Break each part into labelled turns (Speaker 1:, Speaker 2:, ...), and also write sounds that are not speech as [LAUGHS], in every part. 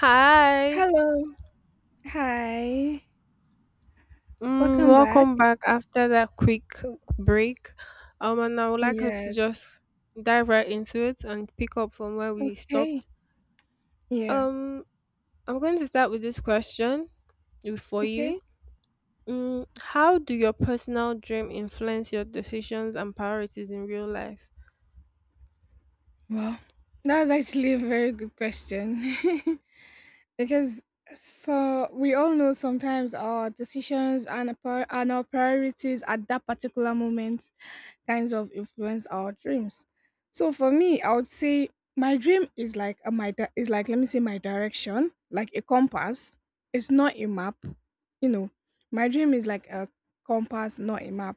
Speaker 1: Hi,
Speaker 2: Hello. Hi. Welcome back.
Speaker 1: welcome back after that quick break. And I would like us to
Speaker 2: Yes.
Speaker 1: just dive right into it and pick up from where we
Speaker 2: Okay.
Speaker 1: stopped.
Speaker 2: Yeah.
Speaker 1: Um, I'm going to start with this question for you.
Speaker 2: Okay.
Speaker 1: How do your personal dream influence your decisions and priorities in real life?
Speaker 2: Well, that's actually a very good question. [LAUGHS] Because so we all know sometimes our decisions and our priorities at that particular moment kinds of influence our dreams. So for me, I would say my dream is like, let me say my direction, like a compass. It's not a map, you know. My dream is like a compass, not a map.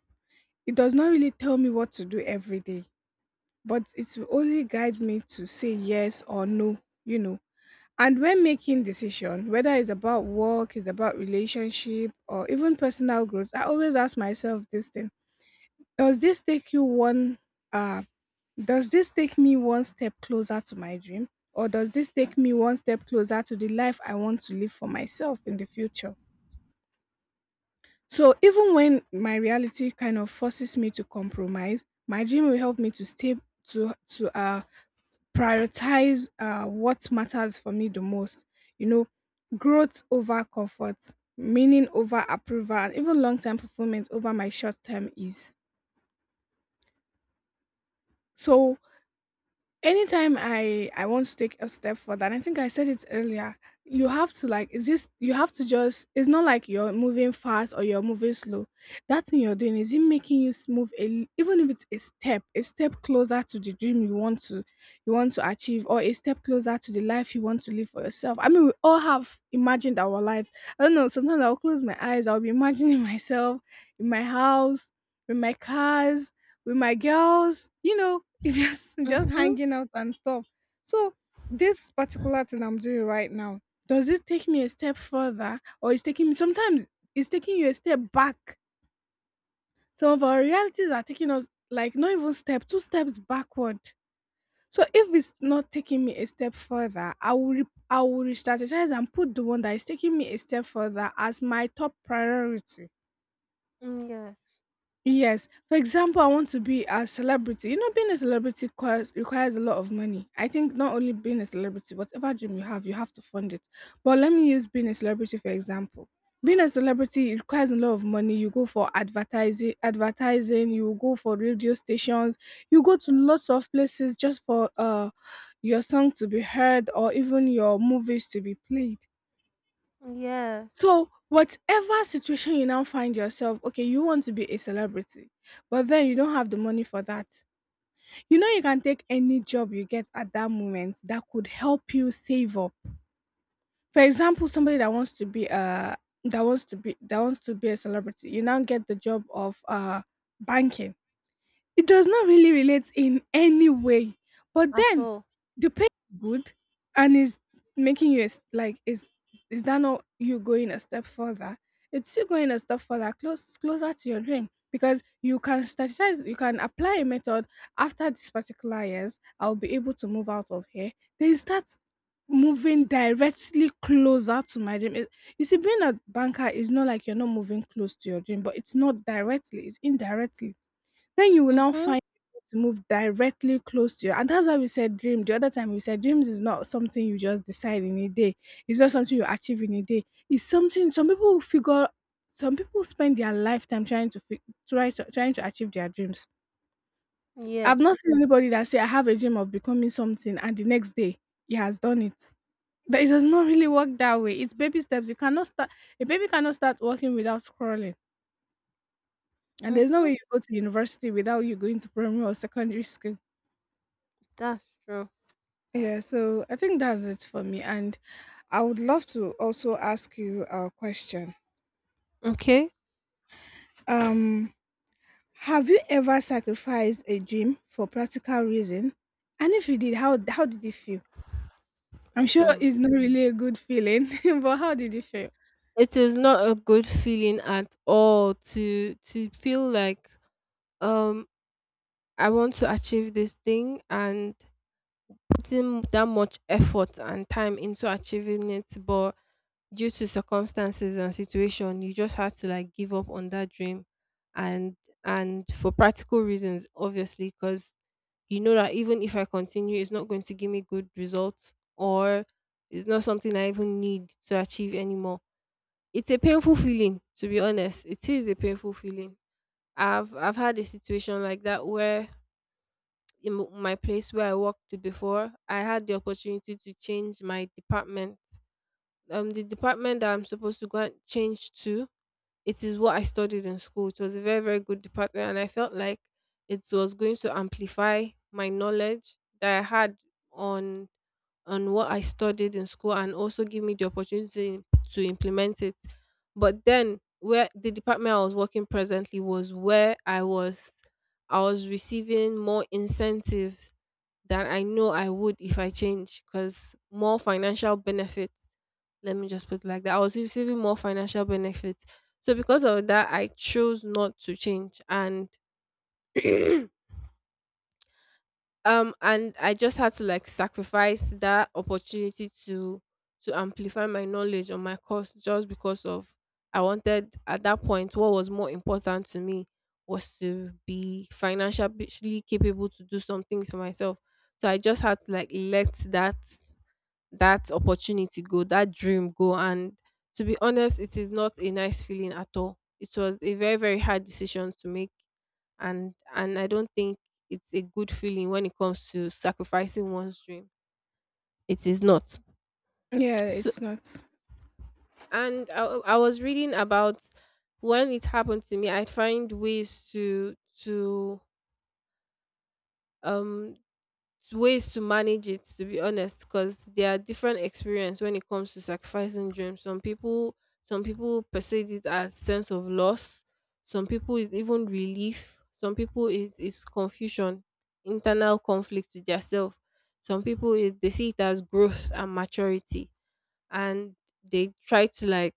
Speaker 2: It does not really tell me what to do every day, but it will only guide me to say yes or no, you know. And when making decision, whether it's about work, it's about relationship, or even personal growth, I always ask myself this thing, does this take you one uh does this take me one step closer to my dream, or does this take me one step closer to the life I want to live for myself in the future? So even when my reality kind of forces me to compromise, my dream will help me to stay to prioritize what matters for me the most. You know, growth over comfort, meaning over approval, and even long term fulfillment over my short term ease. So anytime I want to take a step further, and I think I said it earlier, you have to like, is this, you have to just, it's not like you're moving fast or you're moving slow, that thing you're doing, is it making you move even if it's a step closer to the dream you want to, you want to achieve, or a step closer to the life you want to live for yourself. I mean, we all have imagined our lives. I don't know, sometimes I'll close my eyes, I'll be imagining [LAUGHS] myself in my house, with my cars, with my girls, you know, it's just [LAUGHS] just
Speaker 1: Mm-hmm.
Speaker 2: hanging out and stuff. So this particular thing I'm doing right now, does it take me a step further or is taking me sometimes it's taking you a step back. Some of our realities are taking us like not even step, two steps backward. So if it's not taking me a step further, I will re-strategize and put the one that is taking me a step further as my top priority.
Speaker 1: Yes.
Speaker 2: Yes. For example, I want to be a celebrity. You know, being a celebrity requires a lot of money. I think not only being a celebrity, whatever dream you have to fund it. But let me use being a celebrity for example. Being a celebrity requires a lot of money. You go for advertising, advertising. You go for radio stations. You go to lots of places just for your song to be heard or even your movies to be played.
Speaker 1: Yes.
Speaker 2: So, whatever situation you now find yourself, okay, you want to be a celebrity, but then you don't have the money for that. You know, you can take any job you get at that moment that could help you save up. For example, somebody that wants to be a that wants to be that wants to be a celebrity, you now get the job of banking. It does not really relate in any way. But
Speaker 1: At
Speaker 2: then
Speaker 1: all.
Speaker 2: the pay is good, and is making you, is that not you going a step further? It's you going a step further, closer to your dream. Because you can strategize, you can apply a method, after these particular years, I'll be able to move out of here. Then start moving directly closer to my dream. You see, being a banker is not like you're not moving close to your dream, but it's not directly, it's indirectly, then you will now
Speaker 1: Mm-hmm.
Speaker 2: find people to move directly close to you. And that's why we said dream. The other time we said dreams is not something you just decide in a day. It's not something you achieve in a day. It's something some people will figure, some people spend their lifetime trying to fi- try to, trying to achieve their dreams.
Speaker 1: Yes.
Speaker 2: I've not seen anybody that say I have a dream of becoming something and the next day he has done it. But it does not really work that way. It's baby steps. You cannot start A baby cannot start walking without crawling. And there's no
Speaker 1: Mm-hmm.
Speaker 2: way you go to university without you going to primary or secondary school.
Speaker 1: That's true.
Speaker 2: Yeah, so I think that's it for me. And I would love to also ask you a question.
Speaker 1: Okay.
Speaker 2: Um, have you ever sacrificed a dream for practical reason? And if you did, how did it feel? I'm sure
Speaker 1: Hmm.
Speaker 2: it's not really a good feeling, [LAUGHS] but how did it feel?
Speaker 1: It is not a good feeling at all to feel like um I want to achieve this thing and putting that much effort and time into achieving it, but due to circumstances and situation, you just had to like give up on that dream, and and for practical reasons, obviously, because you know that even if I continue, it's not going to give me good results, or it's not something I even need to achieve anymore. It's a painful feeling, to be honest. It is a painful feeling. I've had a situation like that where in my place where I worked before, I had the opportunity to change my department. The department that I'm supposed to go and change to, it is what I studied in school. It was a very very good department, and I felt like it was going to amplify my knowledge that I had on on what I studied in school and also give me the opportunity to implement it. But then where the department I was working presently was where I was receiving more incentives than I know I would if I change, because more financial benefits. Let me just put it like that. I was receiving more financial benefits. So because of that I chose not to change, and [CLEARS THROAT] and I just had to like sacrifice that opportunity to amplify my knowledge on my course, just because of, I wanted at that point what was more important to me was to be financially capable to do some things for myself. So I just had to like let that opportunity go, that dream go, and to be honest, it is not a nice feeling at all. It was a very very hard decision to make, and I don't think it's a good feeling when it comes to sacrificing one's dream. It is not.
Speaker 2: Yeah,
Speaker 1: So,
Speaker 2: it's not.
Speaker 1: and I was reading about, when it happened to me, I find to um ways to manage it, to be honest, because there are different experience when it comes to sacrificing dreams. Some people perceive it as sense of loss. Some people is even relief. Some people is confusion, internal conflict with themselves. Some people is, they see it as growth and maturity, and they try to like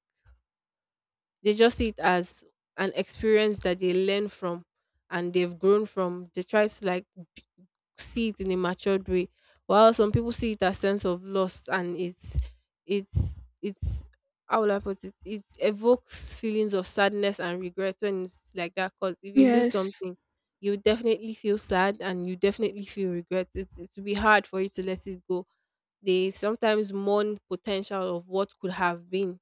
Speaker 1: they just see it as an experience that they learn from and they've grown from. They try to like see it in a matured way, while some people see it as sense of loss, and it's it's how will I put it, it evokes feelings of sadness and regret when it's like that, because if you lose
Speaker 2: Yes.
Speaker 1: something you definitely feel sad and you definitely feel regret. It will be hard for you to let it go. They sometimes mourn potential of what could have been,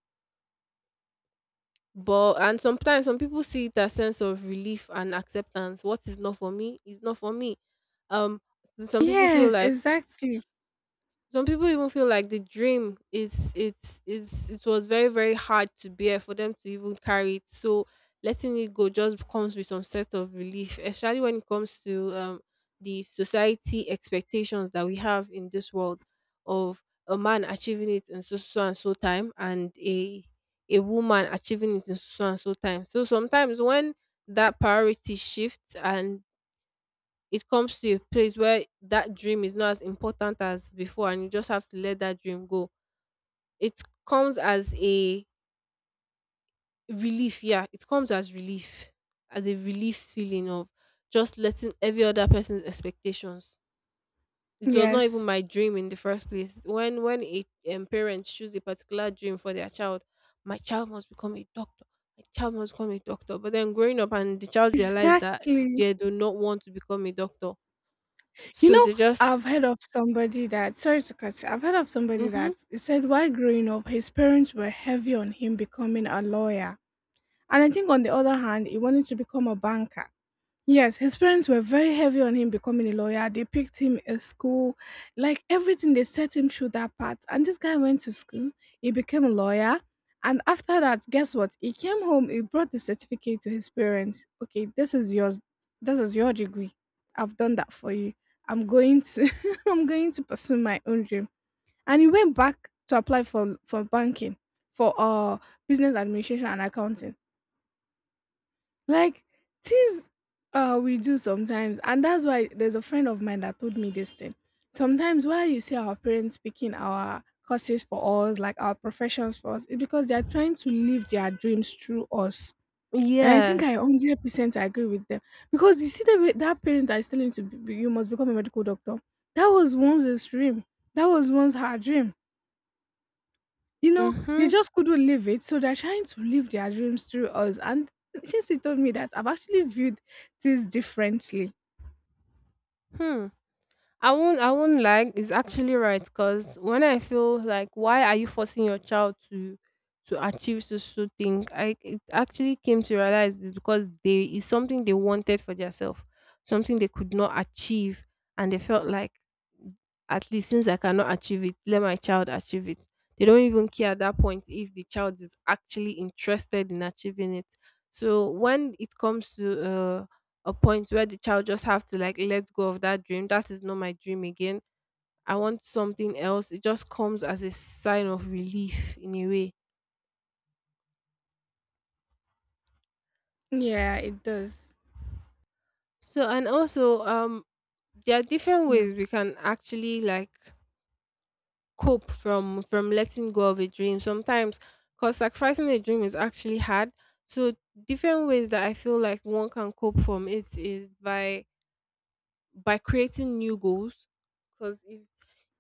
Speaker 1: but and sometimes some people see it as sense of relief and acceptance. What is not for me is not for me. um s- some people feel
Speaker 2: Yes,
Speaker 1: like
Speaker 2: exactly.
Speaker 1: Some people even feel like the dream is it's it was very very hard to bear for them to even carry it. So letting it go just comes with some sort of relief, especially when it comes to the society expectations that we have in this world of a man achieving it in so so and so time and a woman achieving it in so so and so time. So sometimes when that priority shifts and it comes to a place where that dream is not as important as before, and you just have to let that dream go, it comes as a relief. Yeah, it comes as relief, as a relief, feeling of just letting every other person's expectations. It was not even
Speaker 2: Yes.
Speaker 1: my dream in the first place. When a parent choose a particular dream for their child. My child must become a doctor. My child must become a doctor, but then growing up, and the child realized that
Speaker 2: Exactly.
Speaker 1: they do not want to become a doctor,
Speaker 2: You
Speaker 1: so
Speaker 2: know,
Speaker 1: they just
Speaker 2: I've heard of somebody that, sorry to cut you, I've heard of somebody
Speaker 1: Mhm.
Speaker 2: that he said while growing up, his parents were heavy on him becoming a lawyer. And I think on the other hand, he wanted to become a banker. Yes, his parents were very heavy on him becoming a lawyer. They picked him a school, like everything, they set him through that path. And this guy went to school, he became a lawyer. And after that, guess what? He came home, he brought the certificate to his parents. Okay, this is yours. This is your degree. I've done that for you. I'm going to [LAUGHS] I'm going to pursue my own dream. And he went back to apply for banking, for business administration and accounting, like things we do sometimes, and that's why there's a friend of mine that told me this thing. Sometimes why you see our parents picking our courses for us, like our professions for us, it's because they are trying to live their dreams through us. And I think I
Speaker 1: Yes.
Speaker 2: 100% agree with them because you see the way that parent that is telling you to be, you must become a medical doctor. That was once his dream. That was once her dream. You know, they
Speaker 1: Mhm.
Speaker 2: just couldn't live it, so they're trying to live their dreams through us. And she told me that I've actually viewed things differently.
Speaker 1: Hmm. I won't. I won't lie. It's actually right, because when I feel like, why are you forcing your child to achieve so so thing? I It actually came to realize this, because they is something they wanted for themselves, something they could not achieve, and they felt like, at least since I cannot achieve it, let my child achieve it. They don't even care at that point if the child is actually interested in achieving it. So when it comes to a point where the child just have to like let go of that dream. That is not my dream again. I want something else. It just comes as a sign of relief in a way.
Speaker 2: Yeah, it does.
Speaker 1: So and also there are different
Speaker 2: Yeah.
Speaker 1: ways we can actually like cope from letting go of a dream sometimes, because sacrificing a dream is actually hard. So different ways that I feel like one can cope from it is by creating new goals, because if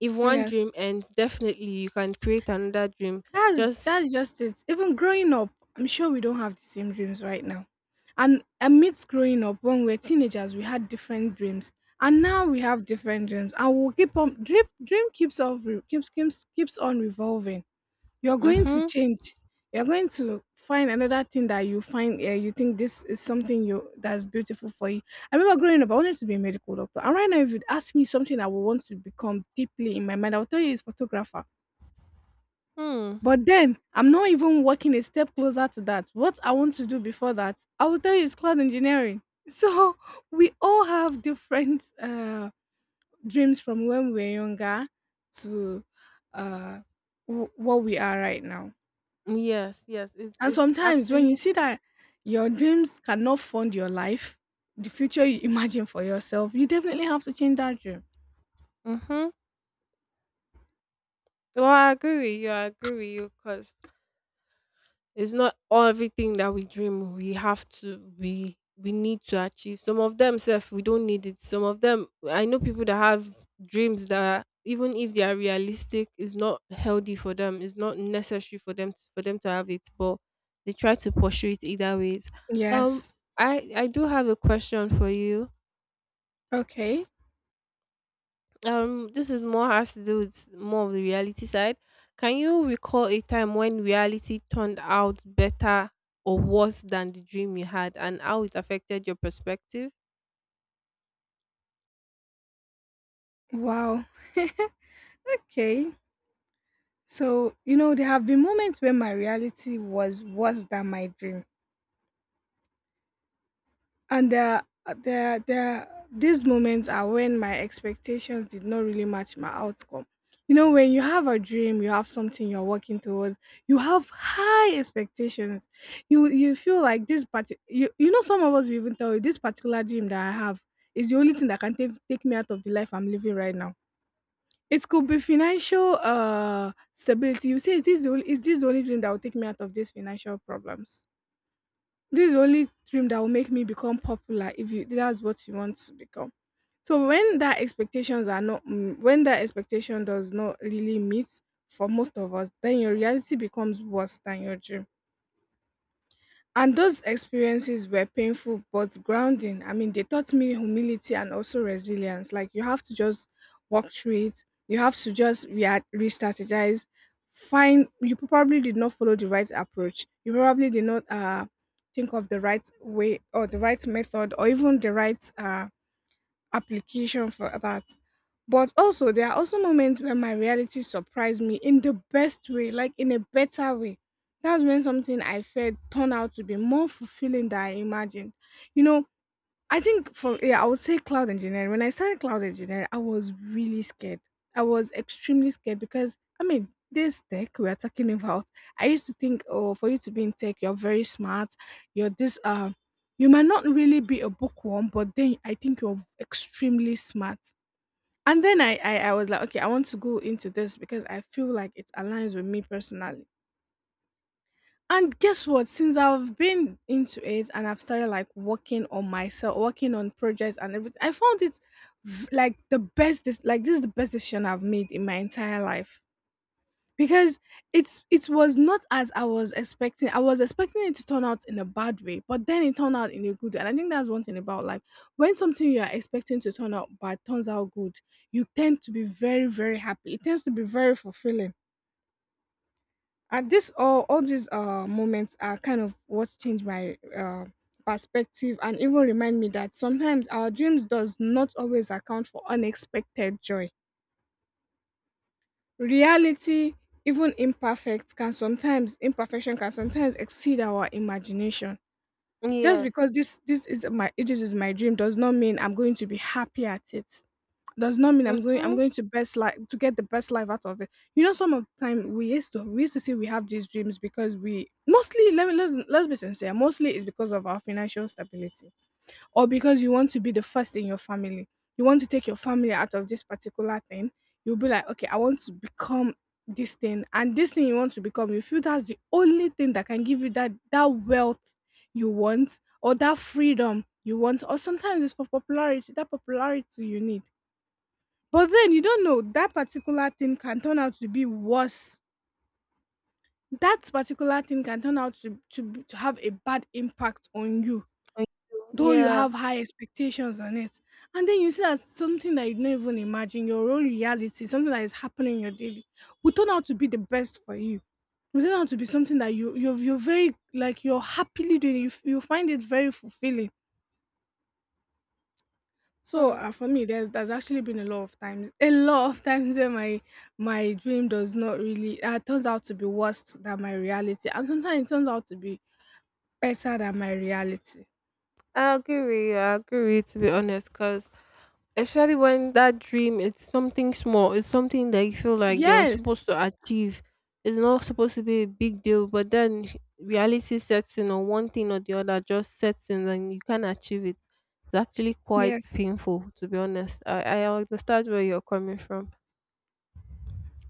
Speaker 1: if one
Speaker 2: Yeah.
Speaker 1: dream ends, definitely you can create another dream.
Speaker 2: That's
Speaker 1: Just
Speaker 2: that's just it. Even growing up, I'm sure we don't have the same dreams right now. And amidst growing up, when we were teenagers, we had different dreams, and now we have different dreams, and we'll keep on dream, keeps on keeps on revolving. You're going to
Speaker 1: Mm-hmm.
Speaker 2: change. You're going to find another thing that you find you think this is something you, that's beautiful for you. I remember growing up, I wanted to be a medical doctor, and right now, if you'd ask me something I would want to become deeply in my mind, I'll tell you it's photographer,
Speaker 1: Hmm.
Speaker 2: but then I'm not even working a step closer to that. What I want to do before that, I will tell you, is cloud engineering. [LAUGHS] So we all have different dreams from when we were younger to uh, what we are right now.
Speaker 1: Yes, yes. It's
Speaker 2: And
Speaker 1: it's
Speaker 2: sometimes when you
Speaker 1: actually
Speaker 2: see that your dreams cannot fund your life, the future you [LAUGHS] imagine for yourself, you definitely have to change that dream.
Speaker 1: Mm-hmm. Well, I agree with you, I agree with you, because it's not everything that we dream we have to, we need to achieve. Some of them self we don't need it. Some of them, I know people that have dreams that even if they are realistic, is not healthy for them. It's not necessary for them to have it, but they try to pursue it either ways. Um
Speaker 2: Yes.
Speaker 1: I do have a question for you.
Speaker 2: Okay.
Speaker 1: This is more has to do with more of the reality side. Can you recall a time when reality turned out better or worse than the dream you had, and how it affected your perspective?
Speaker 2: Wow. Okay. So, you know, there have been moments when my reality was worse than my dream. And there, are- there, these moments are when my expectations did not really match my outcome. You know, when you have a dream, you have something you're working towards, you have high expectations. You feel like this part you, you know, some of us will even tell you this particular dream that I have is the only thing that can take me out of the life I'm living right now. It could be financial stability. You say, is this the only, is this the only dream that will take me out of these financial problems? This is the only dream that will make me become popular, if you, that's what you want to become. So when that expectations are not when that expectation does not really meet for most of us, then your reality becomes worse than your dream, and those experiences were painful but grounding. I mean, they taught me humility and also resilience. Like, you have to just walk through it, you have to just re strategize. Find, you probably did not follow the right approach, you probably did not think of the right way or the right method or even the right application for that. But also, there are also moments where my reality surprised me in the best way, like in a better way. That's when something I felt turned out to be more fulfilling than I imagined. You know, I think I would say cloud engineering. When I started cloud engineering, I was really scared. I was extremely scared because I mean, this tech we are talking about. I used to think, oh, for you to be in tech, you're very smart. You're this. You might not really be a bookworm, but then I think you're extremely smart. And then I was like, okay, I want to go into this because I feel like it aligns with me personally. And guess what? Since I've been into it and I've started like working on myself, working on projects and everything, I found it like the best. This is the best decision I've made in my entire life because it was not as I was expecting. I was expecting it to turn out in a bad way, but then it turned out in a good. Way. And I think that's one thing about life: when something you are expecting to turn out bad turns out good, you tend to be very very happy. It tends to be very fulfilling, and this all these moments are kind of what changed my perspective, and even remind me that sometimes our dreams does not always account for unexpected joy. Reality, even imperfect, can sometimes imperfection can sometimes exceed our imagination. Just
Speaker 1: Yes.
Speaker 2: because this is my dream does not mean I'm going to be happy at it, does not mean I'm
Speaker 1: Mm-hmm.
Speaker 2: going to best life to get the best life out of it. You know, some of the time we used to say we have these dreams because we mostly let me let's be sincere, mostly it's because of our financial stability. Or because you want to be the first in your family. You want to take your family out of this particular thing. You'll be like, okay, I want to become this thing, and this thing you want to become, you feel that's the only thing that can give you that wealth you want or that freedom you want, or sometimes it's for popularity, that popularity you need, but then you don't know that particular thing can turn out to be worse. That particular thing can turn out to to have a bad impact on you,
Speaker 1: Thank you.
Speaker 2: though you
Speaker 1: Yeah.
Speaker 2: have high expectations on it. And then you see that something that you don't even imagine, your own reality, something that is happening in your daily, will turn out to be the best for you. Will turn out to be something that you're very like you're happily doing. You find it very fulfilling. So
Speaker 1: Hmm.
Speaker 2: for me, there's actually been a lot of times, a lot of times where my dream does not really turns out to be worse than my reality, and sometimes it turns out to be better than my reality.
Speaker 1: I agree with you. I agree with you, to be honest, because especially when that dream, it's something small. It's something that you feel like you're
Speaker 2: Yes,
Speaker 1: supposed to achieve. It's not supposed to be a big deal, but then reality sets in on one thing or the other, just sets in and you can't achieve it. It's actually quite
Speaker 2: yes.
Speaker 1: painful, to be honest. I understand where you're coming from.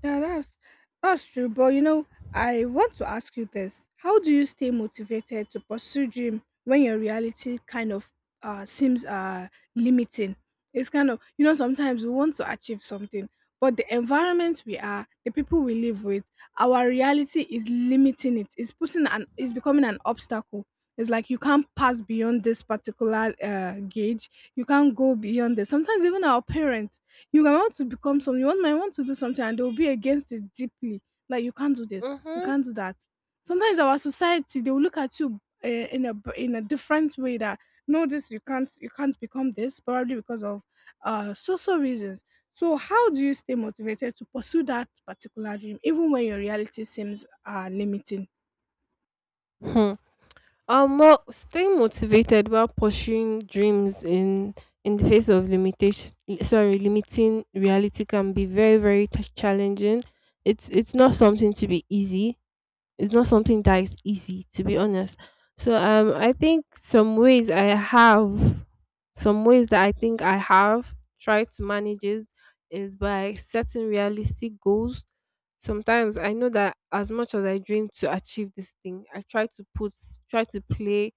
Speaker 2: Yeah, that's true. But you know, I want to ask you this: how do you stay motivated to pursue dream when your reality kind of seems limiting? It's kind of you know sometimes we want to achieve something, but the environment we are, the people we live with, our reality is limiting it. It's putting an it's becoming an obstacle. It's like you can't pass beyond this particular gauge. You can't go beyond this. Sometimes even our parents you might want to become some. You want might want to do something, and they'll be against it deeply. Like you can't do this, you
Speaker 1: Mm-hmm.
Speaker 2: can't do that. Sometimes our society they will look at you in in a different way that no, this you can't become this probably because of social reasons. So how do you stay motivated to pursue that particular dream even when your reality seems limiting?
Speaker 1: Hmm. Well, staying motivated while pursuing dreams in the face of limitation, sorry, limiting reality can be very, very challenging. It's not something to be easy, it's not something that is easy, to be honest. So, I think have some ways that I think I have tried to manage it is by setting realistic goals. Sometimes I know that as much as I dream to achieve this thing, I try to play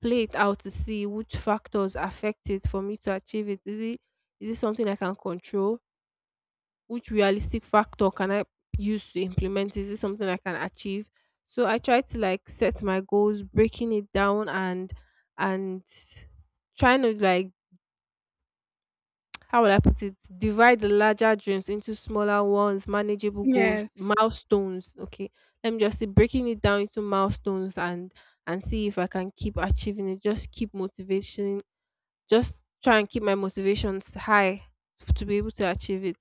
Speaker 1: play it out to see which factors affect it for me to achieve it. Is it something I can control, which realistic factor can I use to implement? Is this something I can achieve? So I try to like set my goals, breaking it down and trying to like [TSK] how will I put it? Divide the larger dreams into smaller ones, manageable goals,
Speaker 2: Yes,
Speaker 1: milestones. Okay. Let me just see, breaking it down into milestones and see if I can keep achieving it. Just keep motivation, just try and keep my motivations high to be able to achieve it.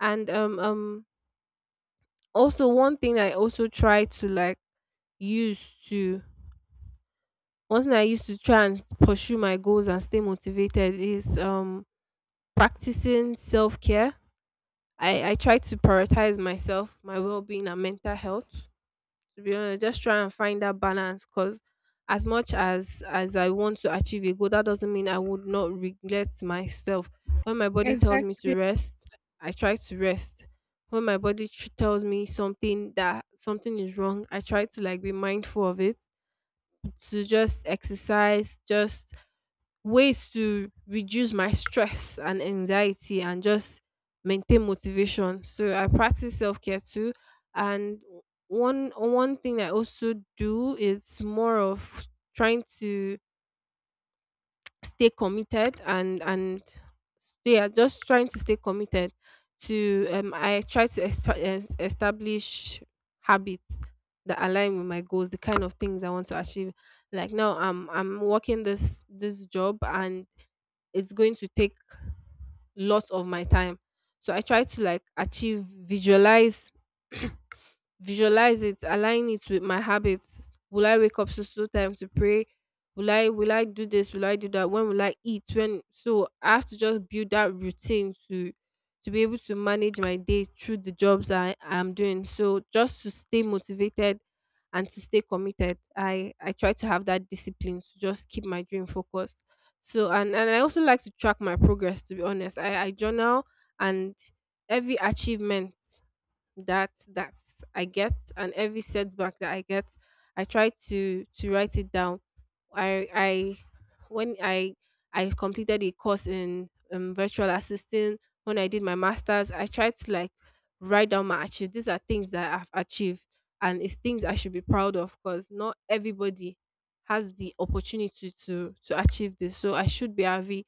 Speaker 1: And also, one thing I also try to like use to one thing I used to try and pursue my goals and stay motivated is practicing self care. I try to prioritize myself, my well being and mental health. To be honest, just try and find that balance, because as much as I want to achieve a goal, that doesn't mean I would not regret myself. When my body tells me to
Speaker 2: exactly.
Speaker 1: rest, I try to rest. When my body tells me something is wrong, I try to like be mindful of it, to just exercise, just ways to reduce my stress and anxiety and just maintain motivation. So I practice self care too. And one thing I also do is more of trying to stay committed, and stay I just trying to stay committed to. I try to establish habits that align with my goals, the kind of things I want to achieve. Like now I'm working this job and it's going to take lots of my time. So I try to like achieve, visualize [CLEARS THROAT] visualize it, align it with my habits. Will I wake up so time to pray? Will I do this? Will I do that? When will I eat? When so I have to just build that routine to be able to manage my day through the jobs I am doing. So just to stay motivated and to stay committed, I try to have that discipline to just keep my dream focused. So and I also like to track my progress. To be honest, I journal and every achievement that I get and every setback that I get, I try to write it down. I when I completed a course in virtual assisting when I did my masters, I tried to like write down my achieve. These are things that I've achieved and it's things I should be proud of because not everybody has the opportunity to achieve this. So I should be happy.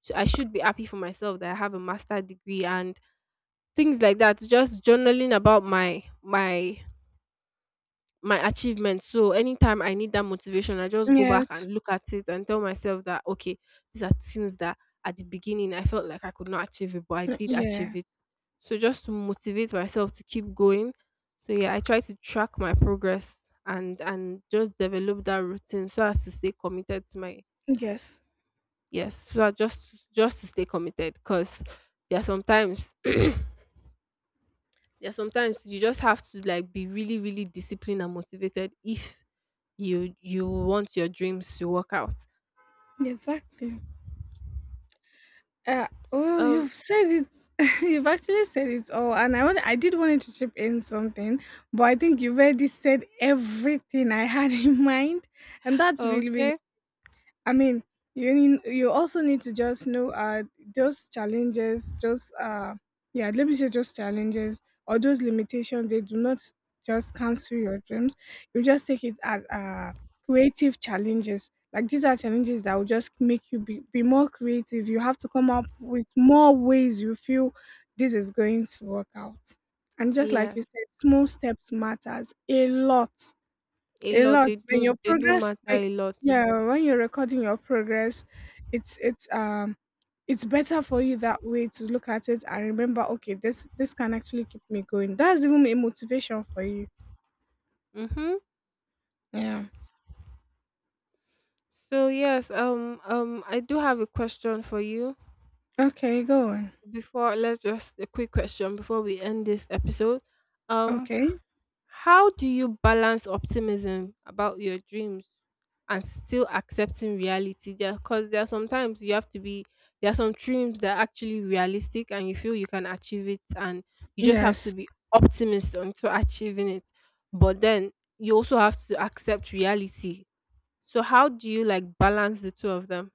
Speaker 1: So I should be happy for myself that I have a master degree and things like that, just journaling about my achievements. So anytime I need that motivation, I just go back
Speaker 2: Yes,
Speaker 1: and look at it and tell myself that okay, these are things that at the beginning I felt like I could not achieve it, but I did achieve
Speaker 2: yeah,
Speaker 1: it. So just to motivate myself to keep going. So yeah, I try to track my progress and just develop that routine so as to stay committed to my
Speaker 2: yes,
Speaker 1: yes, so I just to stay committed because there are sometimes yeah, sometimes you just have to like be really, really disciplined and motivated if you want your dreams to work out.
Speaker 2: exactly. Well,
Speaker 1: Um,
Speaker 2: you've said it. [LAUGHS] You've actually said it all, and I did wanted to chip in something, but I think you've already said everything I had [LAUGHS] in mind, and that's really, really
Speaker 1: okay.
Speaker 2: I mean, you also need to just know those challenges, just yeah, let me say just challenges or those limitations. They do not just cancel your dreams. You just take it as creative challenges. Like these are challenges that will just make you be more creative. You have to come up with more ways you feel this is going to work out. And just like you
Speaker 1: Yes.
Speaker 2: said, small steps matters
Speaker 1: A
Speaker 2: a
Speaker 1: lot,
Speaker 2: lot
Speaker 1: they
Speaker 2: when
Speaker 1: do
Speaker 2: your
Speaker 1: they do matter a lot.
Speaker 2: yeah when you're recording your progress it's it's um it's better for you that way to look at it and remember okay this can actually keep me going that's even a motivation for you
Speaker 1: Mm-hmm.
Speaker 2: yeah.
Speaker 1: So yes, I do have a question for you
Speaker 2: Okay, go on.
Speaker 1: before let's just a quick question before we end this episode. Um,
Speaker 2: Okay,
Speaker 1: how do you balance optimism about your dreams and still accepting reality? Because there are sometimes you have to be, there are some dreams that are actually realistic and you feel you can achieve it, and you just have to
Speaker 2: yes,
Speaker 1: be optimist until achieving it. But then you also have to accept reality. So, how do you like balance the two of them?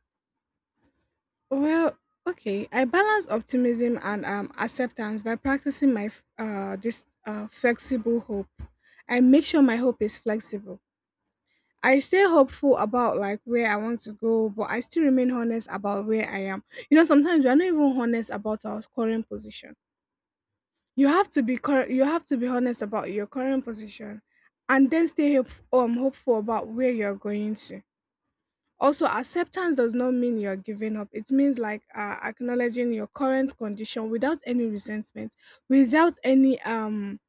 Speaker 2: well, okay, I balance optimism and acceptance by practicing my f- this flexible hope. I make sure my hope is flexible. I stay hopeful about like where I want to go, but I still remain honest about where I am. You know, sometimes we are not even honest about our current position. You have to you have to be honest about your current position, and then hopeful about where you're going to. Also, acceptance does not mean you're giving up. It means like acknowledging your current condition without any resentment, without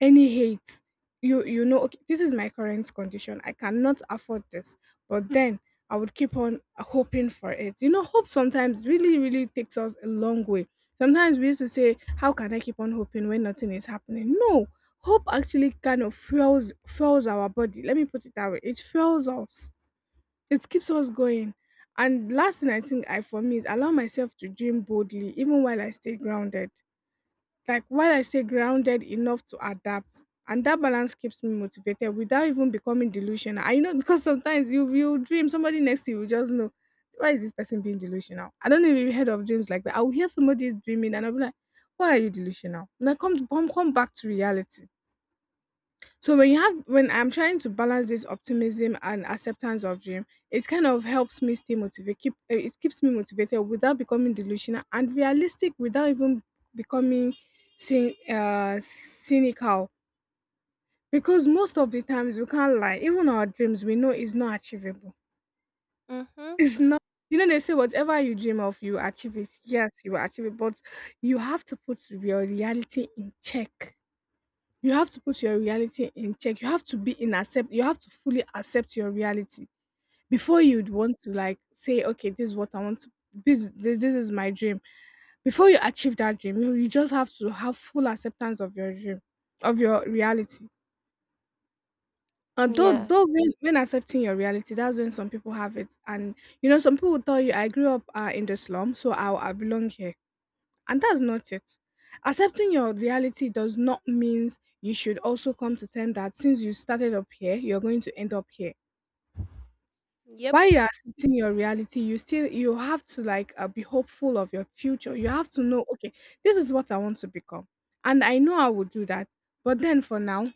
Speaker 2: any hate, you know, okay, this is my current condition. I cannot afford this. But then I would keep on hoping for it. You know, hope sometimes really, really takes us a long way. Sometimes we used to say, how can I keep on hoping when nothing is happening? No. Hope actually kind of fuels our body. Let me put it that way. It fuels us. It keeps us going. And last thing I think I for me is allow myself to dream boldly even while I stay grounded like while I stay grounded enough to adapt. And that balance keeps me motivated without even becoming delusional. I know because sometimes you dream somebody next to you will just know why is this person being delusional. I don't know if you heard of dreams like that. I will hear somebody is dreaming and I'll be like, why are you delusional? And I come back to reality. So when you have when I'm trying to balance this optimism and acceptance of dream, it kind of helps me stay motivated. Keep eh, it keeps me motivated without becoming delusional and realistic without even becoming cynical. Because most of the times we can't lie. Even our dreams we know is not achievable.
Speaker 1: Mm hmm.
Speaker 2: [LAUGHS] It's not. You know they say whatever you dream of, you achieve it. Yes, you will achieve it, but you have to put your reality in check, you have to put your reality in check. You have to be in accept you have to fully accept your reality before you'd want to like say, okay, this is what I want to this is my dream. Before you achieve that dream, you just have to have full acceptance of your dream, of your reality. And
Speaker 1: Yes.
Speaker 2: though when accepting your reality, that's when some people have it. And you know, some people will tell you, I grew up in the slum, so I belong here, and that's not it. Accepting your reality does not mean you should also come to terms that since you started up here, you're going to end up here.
Speaker 1: Yep.
Speaker 2: While you're accepting your reality, you still you have to like be hopeful of your future. You have to know, okay, this is what I want to become, and I know I would do that. But then for now,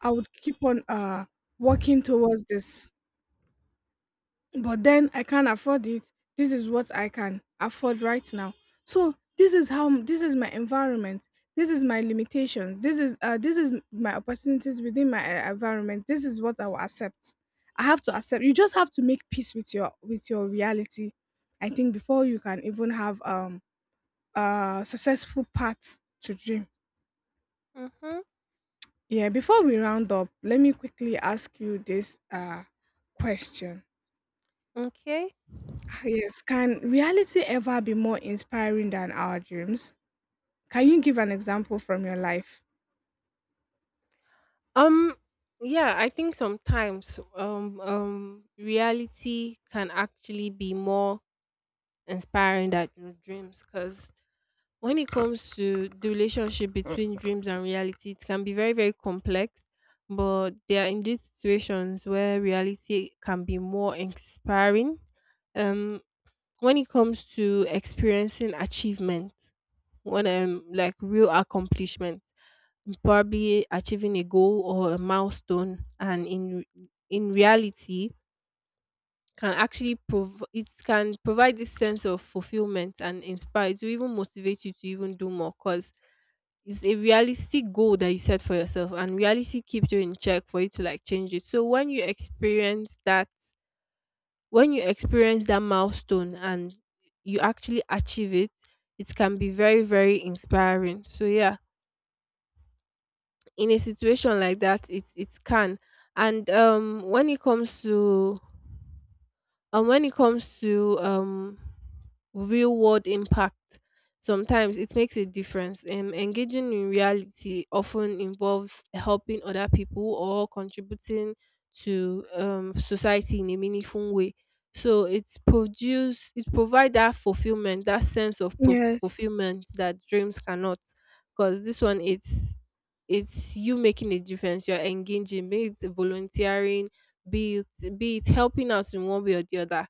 Speaker 2: I would keep on working towards this, but then I can't afford it. This is what I can afford right now. So this is my environment. This is my limitations. This is my opportunities within my environment. This is what I will accept. I have to accept. You just have to make peace with your reality. I think before you can even have a successful path to dream.
Speaker 1: Mm hmm.
Speaker 2: Yeah. Before we round up, let me quickly ask you this question.
Speaker 1: Okay.
Speaker 2: Yes, can reality ever be more inspiring than our dreams? Can you give an example from your life?
Speaker 1: Um, yeah, I think sometimes reality can actually be more inspiring than your dreams because when it comes to the relationship between dreams and reality, it can be very, very complex. But there are indeed situations where reality can be more inspiring. Um, when it comes to experiencing achievement, when like real accomplishment, probably achieving a goal or a milestone and in reality, can actually it can provide this sense of fulfillment and inspire to even motivate you to even do more because it's a realistic goal that you set for yourself and reality keeps you in check for you to like change it. So when you experience that, when you experience that milestone and you actually achieve it, it can be very, very inspiring. So yeah, in a situation like that, it can. And um, when it comes to, and when it comes to um, real world impact, sometimes it makes a difference. Um, engaging in reality often involves helping other people or contributing to um, society in a meaningful way, so it provides that fulfillment, that sense of
Speaker 2: Yes.
Speaker 1: fulfillment that dreams cannot, because this one, it's you making a difference. You're engaging, be it volunteering, be it helping out in one way or the other.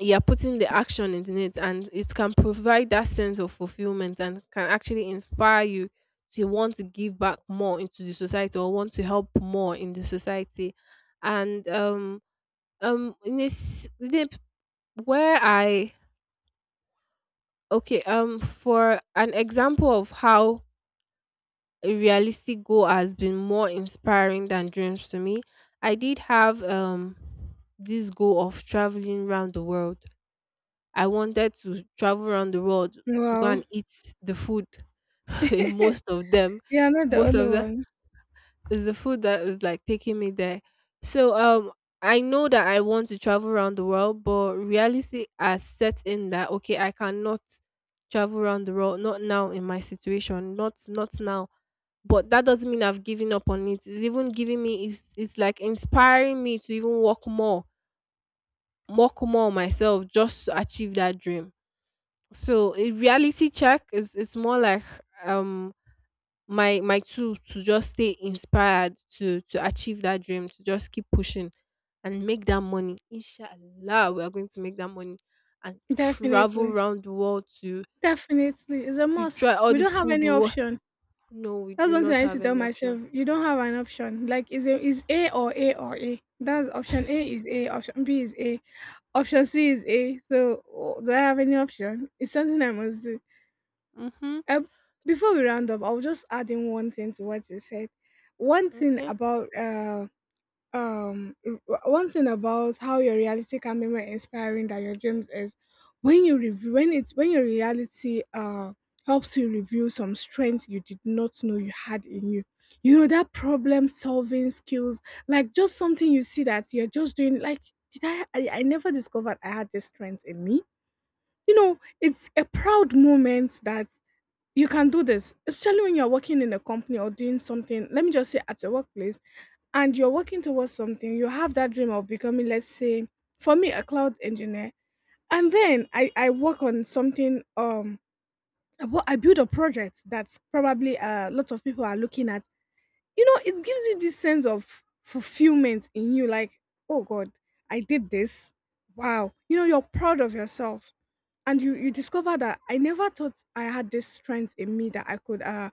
Speaker 1: You're putting the action into it, and it can provide that sense of fulfillment and can actually inspire you to want to give back more into the society or want to help more in the society. And um, um, in this in a- where I okay, um, for an example of how a realistic goal has been more inspiring than dreams to me. I did have um, this goal of traveling around the world. I wanted to travel around the world to go and
Speaker 2: Wow.
Speaker 1: eat the food. [LAUGHS] Most of them,
Speaker 2: Yeah, not the
Speaker 1: most
Speaker 2: only
Speaker 1: of the
Speaker 2: one.
Speaker 1: is the food that is like taking me there. So um, I know that I want to travel around the world, but reality has set in that okay, I cannot travel around the world, not now in my situation, not now, but that doesn't mean I've given up on it. It's even giving me, it's like inspiring me to even work more on myself just to achieve that dream. So a reality check is, it's more like um, my tool to just stay inspired to achieve that dream, to just keep pushing and make that money. Inshallah, we are going to make that money and travel
Speaker 2: Definitely.
Speaker 1: around the world
Speaker 2: Definitely. It's a
Speaker 1: to try
Speaker 2: must.
Speaker 1: all
Speaker 2: We
Speaker 1: the
Speaker 2: don't have
Speaker 1: food.
Speaker 2: any
Speaker 1: We
Speaker 2: option.
Speaker 1: no, we
Speaker 2: That's
Speaker 1: do
Speaker 2: one thing
Speaker 1: not
Speaker 2: I used to
Speaker 1: have
Speaker 2: tell
Speaker 1: any option.
Speaker 2: myself. You don't have an option. Like is A or A or A. That's option A is A, option B is A, option C is A. So do I have any option? It's something I must do.
Speaker 1: Mm-hmm.
Speaker 2: Uh, before we round up, I'll just add in one thing to what you said. One thing
Speaker 1: Okay.
Speaker 2: about um one thing about how your reality can be more inspiring than your dreams is when you review when it's when your reality helps you review some strengths you did not know you had in you. You know that problem solving skills, like just something you see that you're just doing like I never discovered I had this strength in me. You know, it's a proud moment that you can do this, especially when you're working in a company or doing something, let me just say at your workplace, and you're working towards something, you have that dream of becoming, let's say, for me, a cloud engineer. And then I work on something, I build a project that probably a lot of people are looking at. You know, it gives you this sense of fulfillment in you, like, oh God, I did this. Wow. You know, you're proud of yourself, and you discover that I never thought I had this strength in me that I could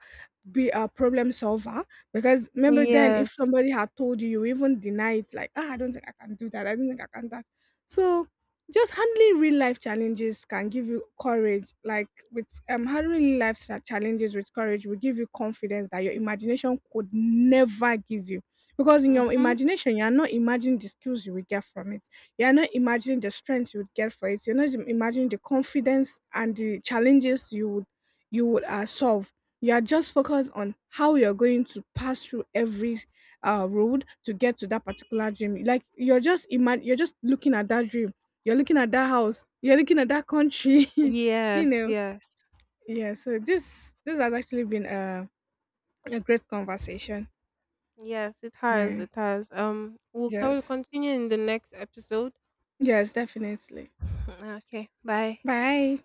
Speaker 2: be a problem solver, because remember then if
Speaker 1: Yes.
Speaker 2: somebody had told you you even deny it like ah I don't think I can do that I don't think I can that so just handling real life challenges can give you courage like with handling real life challenges with courage will give you confidence that your imagination could never give you because in your
Speaker 1: Mm-hmm.
Speaker 2: imagination you are not imagining the skills you will get from it, you're not imagining the strength you would get for it. You're not im imagining the confidence and the challenges you would solve. You are just focused on how you're going to pass through every, road to get to that particular dream. Like, you're just looking at that dream. You're looking at that house. You're looking at that country, [LAUGHS] you
Speaker 1: Yes,
Speaker 2: know?
Speaker 1: yes,
Speaker 2: Yeah, so this has actually been a great conversation.
Speaker 1: yes. It has.
Speaker 2: Mm.
Speaker 1: It has. We'll
Speaker 2: Yes.
Speaker 1: continue in the next episode.
Speaker 2: Yes, definitely.
Speaker 1: [CLEARS THROAT] Okay. Bye.
Speaker 2: Bye.